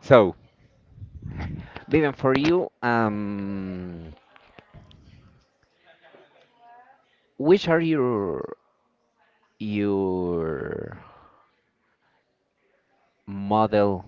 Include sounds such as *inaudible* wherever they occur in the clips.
So, Vivian, for you, which are your model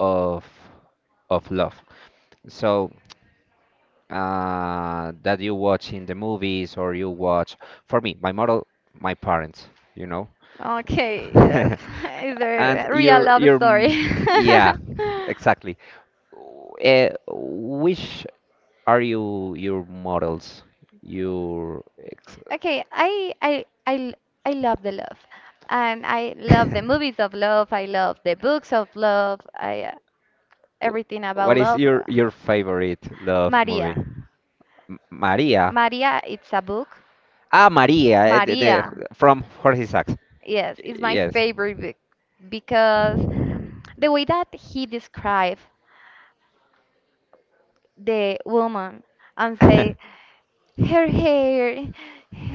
of of love? So, that you watch in the movies or you watch, for me, my model, my parents, you know. Okay, yes. *laughs* *laughs* It's And a real love story? yeah, *laughs* exactly. Which are you your models? Your ex Okay, I love the love, and I love the movies of love. I love the books of love. I *laughs* everything *laughs* about What is love. your favorite love movie? Maria, Maria. Maria, it's a book. Ah, Maria, eh, Maria, from Jorge Sacks. yes, it's my Yes. favorite book because the way that he described the woman and say *laughs* her hair,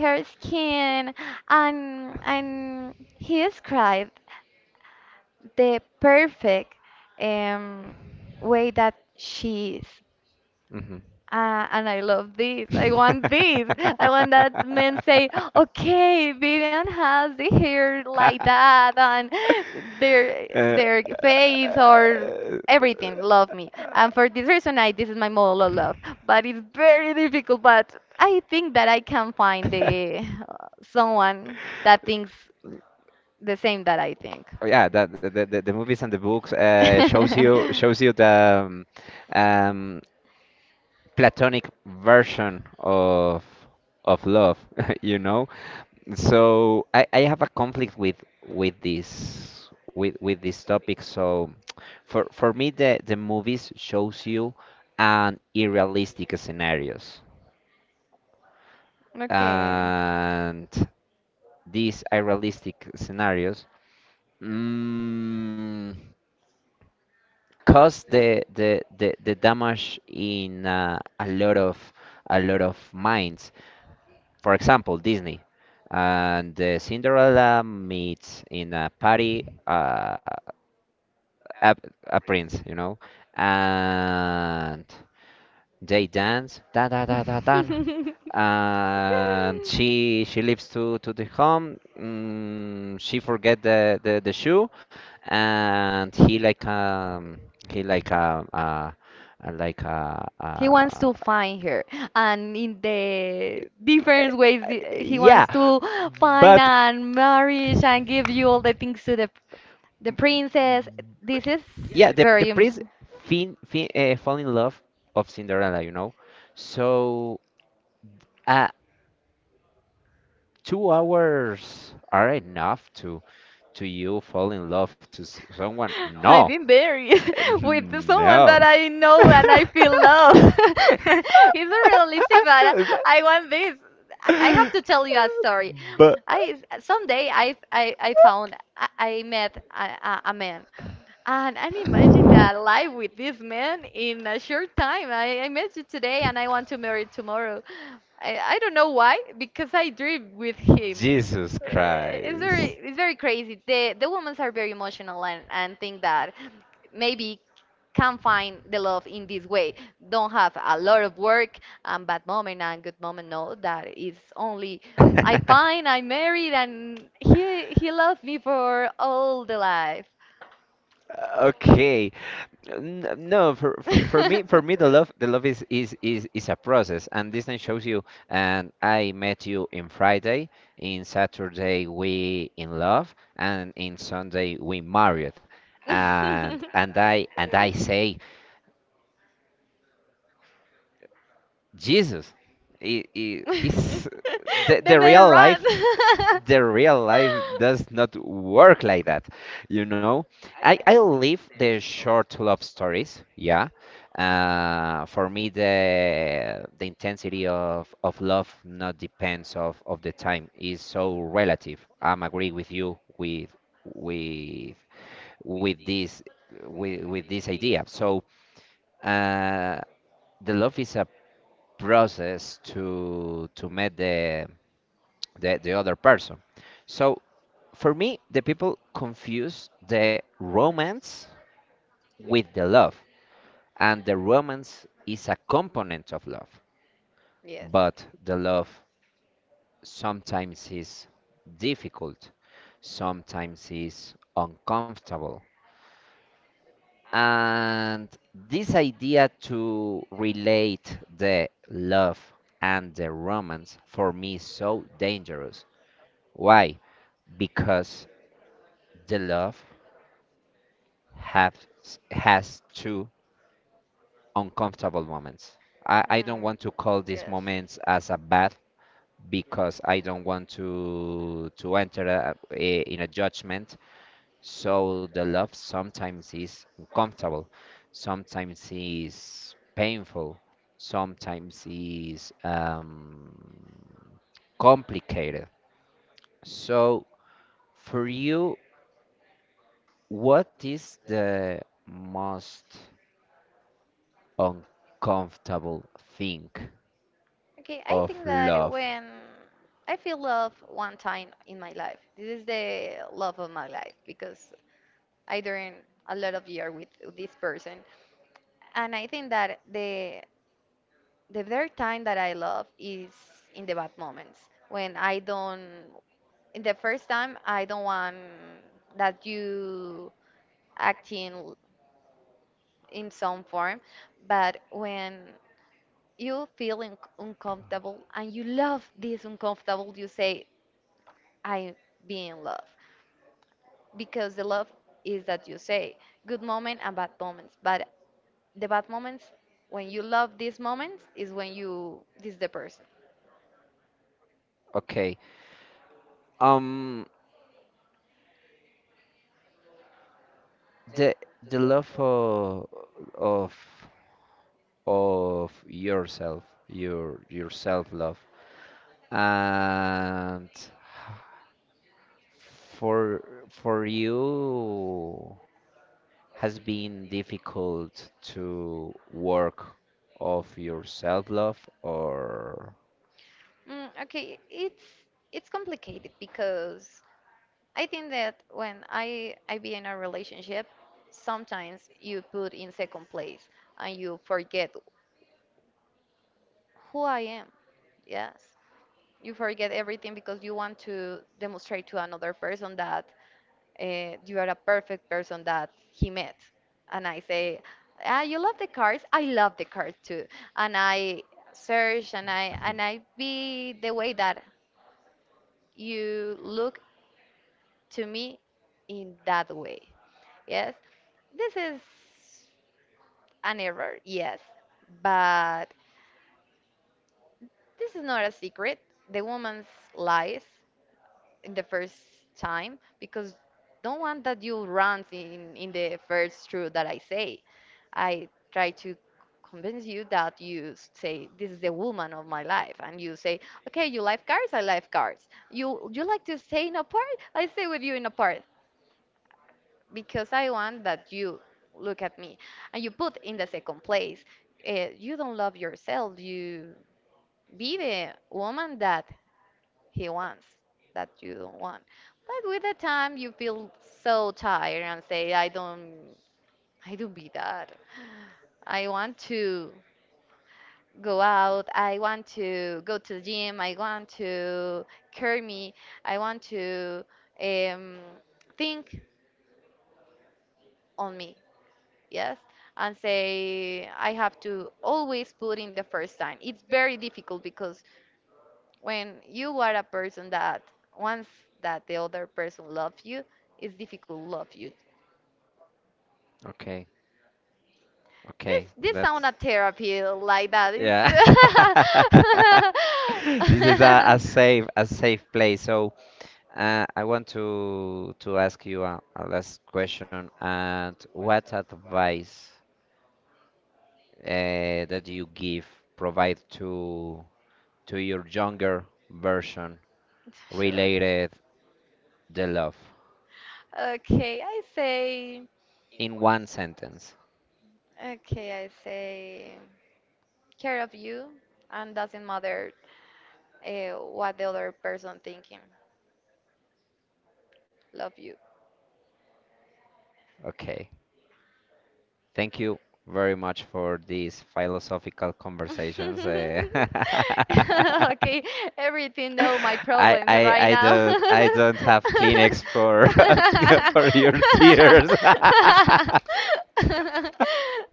her skin, and he described the perfect um, way that she is. Mhm. Ah, and I love this. I want this. I *laughs* want that men say, okay, Vivian has the hair like that and their Uh, their face or uh, everything. Love me. And for this reason, I this is my model of love. But it's very difficult. But I think that I can find the someone that thinks the same that I think. oh, yeah, that the movies and the books shows you *laughs* shows you the um, platonic version of love *laughs* you know. So I have a conflict with with this topic. So *tsk* for me, the movies shows you an unrealistic scenarios, Okay. and these unrealistic scenarios, mm, cause the damage in a lot of minds. For example, Disney, and Cinderella meets in a party a, a prince, you know, and they dance da da da da dan, *laughs* and she leaves to the home. Mm, she forget the shoe, and he like He wants to find her, and in the different ways he yeah, wants to find but and marriage and give you all the things to the princess. This is yeah, the the very. prince fin, fin, uh, fall in love of Cinderella, you know. So uh 2 hours are enough to you fall in love to someone, *laughs* no? I've been buried Uh, *laughs* *laughs* with someone that no. I know and I feel love. *laughs* It's not realistic, but I want this. I have to tell you a story. I someday *laughs* I But found I met a man and I'm imagining that life with this man in a short time. I met you today and I want to marry tomorrow. I don't know why because I dream with him. Jesus It's Christ. *laughs* Very crazy. The women are very emotional and think that maybe can find the love in this way. Don't have a lot of work and bad moment and good moment. No, that is only I find I married and he loved me for all the life. Okay. No, for, for for me *laughs* for me, the love is a process, and Disney shows you, and I met you in Friday, in Saturday we in love, and in Sunday we married. And I say Jesus, is the, Then the they real run. life. *laughs* The real life does not work like that, you know. I live the short love stories, yeah. For me, the intensity of love not depends of the time is so relative. I'm agree with you with with this with this idea. So uh, the love is a process to meet the other person. So for me, the people confuse the romance with the love, and the romance is a component of love, Yes. but the love sometimes is difficult, sometimes is uncomfortable. And this idea to relate the love and the romance for me is so dangerous. Why? Because the love has has two uncomfortable moments. I don't Mm, want to call these yes. moments as a bad, because I don't want to enter in a judgment. So the love sometimes is uncomfortable, sometimes is painful, sometimes is complicated. So for you, what is the most uncomfortable thing Okay, I of think that love? when I feel love one time in my life, this is the love of my life because I during a lot of year with this person, and I think that the very time that I love is in the bad moments when I don't. In the first time, I don't want that you acting in some form, but when you feel un uncomfortable and you love this uncomfortable, you say, I be in love because the love is that you say good moment and bad moments, but the bad moments when you love these moments is when you this the person. Okay. Um the love of of, of yourself, your self love. And for you, has been difficult to work of your self love or Mm, okay, it's complicated because I think that when I be in a relationship, sometimes you put in second place and you forget who I am. Yes, you forget everything because you want to demonstrate to another person that you are a perfect person that he met. And I say, ah, you love the cars. I love the cars too. And I search and I be the way that you look to me in that way. Yes, this is an error. Yes, but this is not a secret. The woman's lies. In the first time because don't want that you run in the first truth that I say. I try to convince you that you say this is the woman of my life and you say okay you like cars, I like cars, you like to stay in a part, I stay with you in a part because I want that you look at me and you put in the second place, you don't love yourself, you be the woman that he wants that you don't want. But with the time, you feel so tired and say, I don't be that. I want to go out. I want to go to the gym. I want to care me. I want to um, think on me. Yes. And say, I have to always put in the first time. It's very difficult because when you are a person that once that the other person loves you, it's difficult to love you. okay, This okay. this sound a therapy like that. It's Yeah. *laughs* This is a safe place. So *laughs* I want to ask you a last question. And what advice that you give provide to your younger version sure. related the love Okay, I say in one sentence? okay, I say care of you and doesn't matter what the other person thinking. Love you. Okay. Thank you very much for these philosophical conversations. Eh. *laughs* *laughs* *laughs* Okay, everything know my *laughs* I, problems right I now. don't *laughs* have Kleenex for *laughs* for your tears.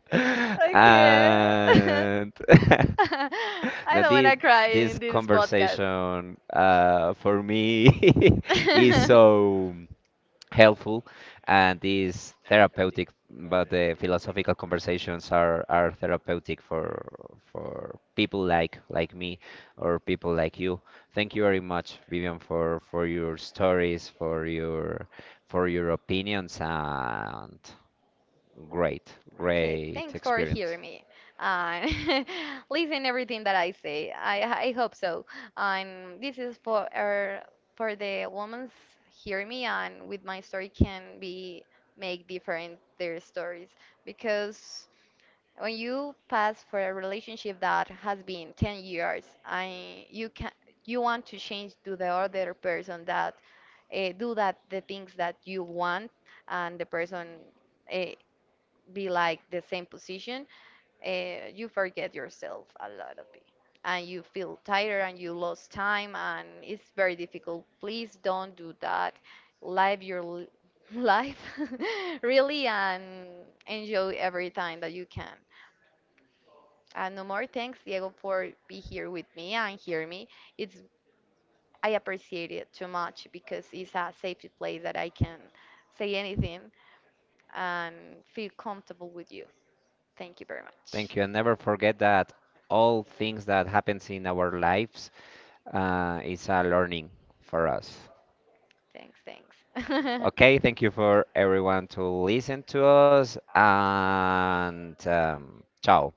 *laughs* *laughs* *laughs* Okay. *laughs* And Um, *laughs* I now don't this wanna cry this in this podcast. No. conversation for me *laughs* *laughs* is *laughs* so helpful and is therapeutic. But the philosophical conversations are therapeutic for people like me or people like you. Thank you very much, Vivian, for your stories, for your opinions, and great Okay, great thanks for experience. hearing me and *laughs* listen everything that I say. I hope so. And this is for the women's hear me and with my story can be make different their stories because when you pass for a relationship that has been 10 years I you can you want to change to the other person that do that the things that you want and the person uh, be like the same position, you forget yourself a lot of it. And you feel tired and you lost time and it's very difficult. Please don't do that. Live your *laughs* life *laughs* really and enjoy every time that you can. And no more thanks, Diego, for be here with me and hear me. It's I appreciate it too much because it's a safe place that I can say anything and feel comfortable with you. Thank you very much. Thank you, and never forget that all things that happens in our lives is a learning for us. Thanks, Okay, thanks. thank *laughs* you for everyone to listen to us, and ciao.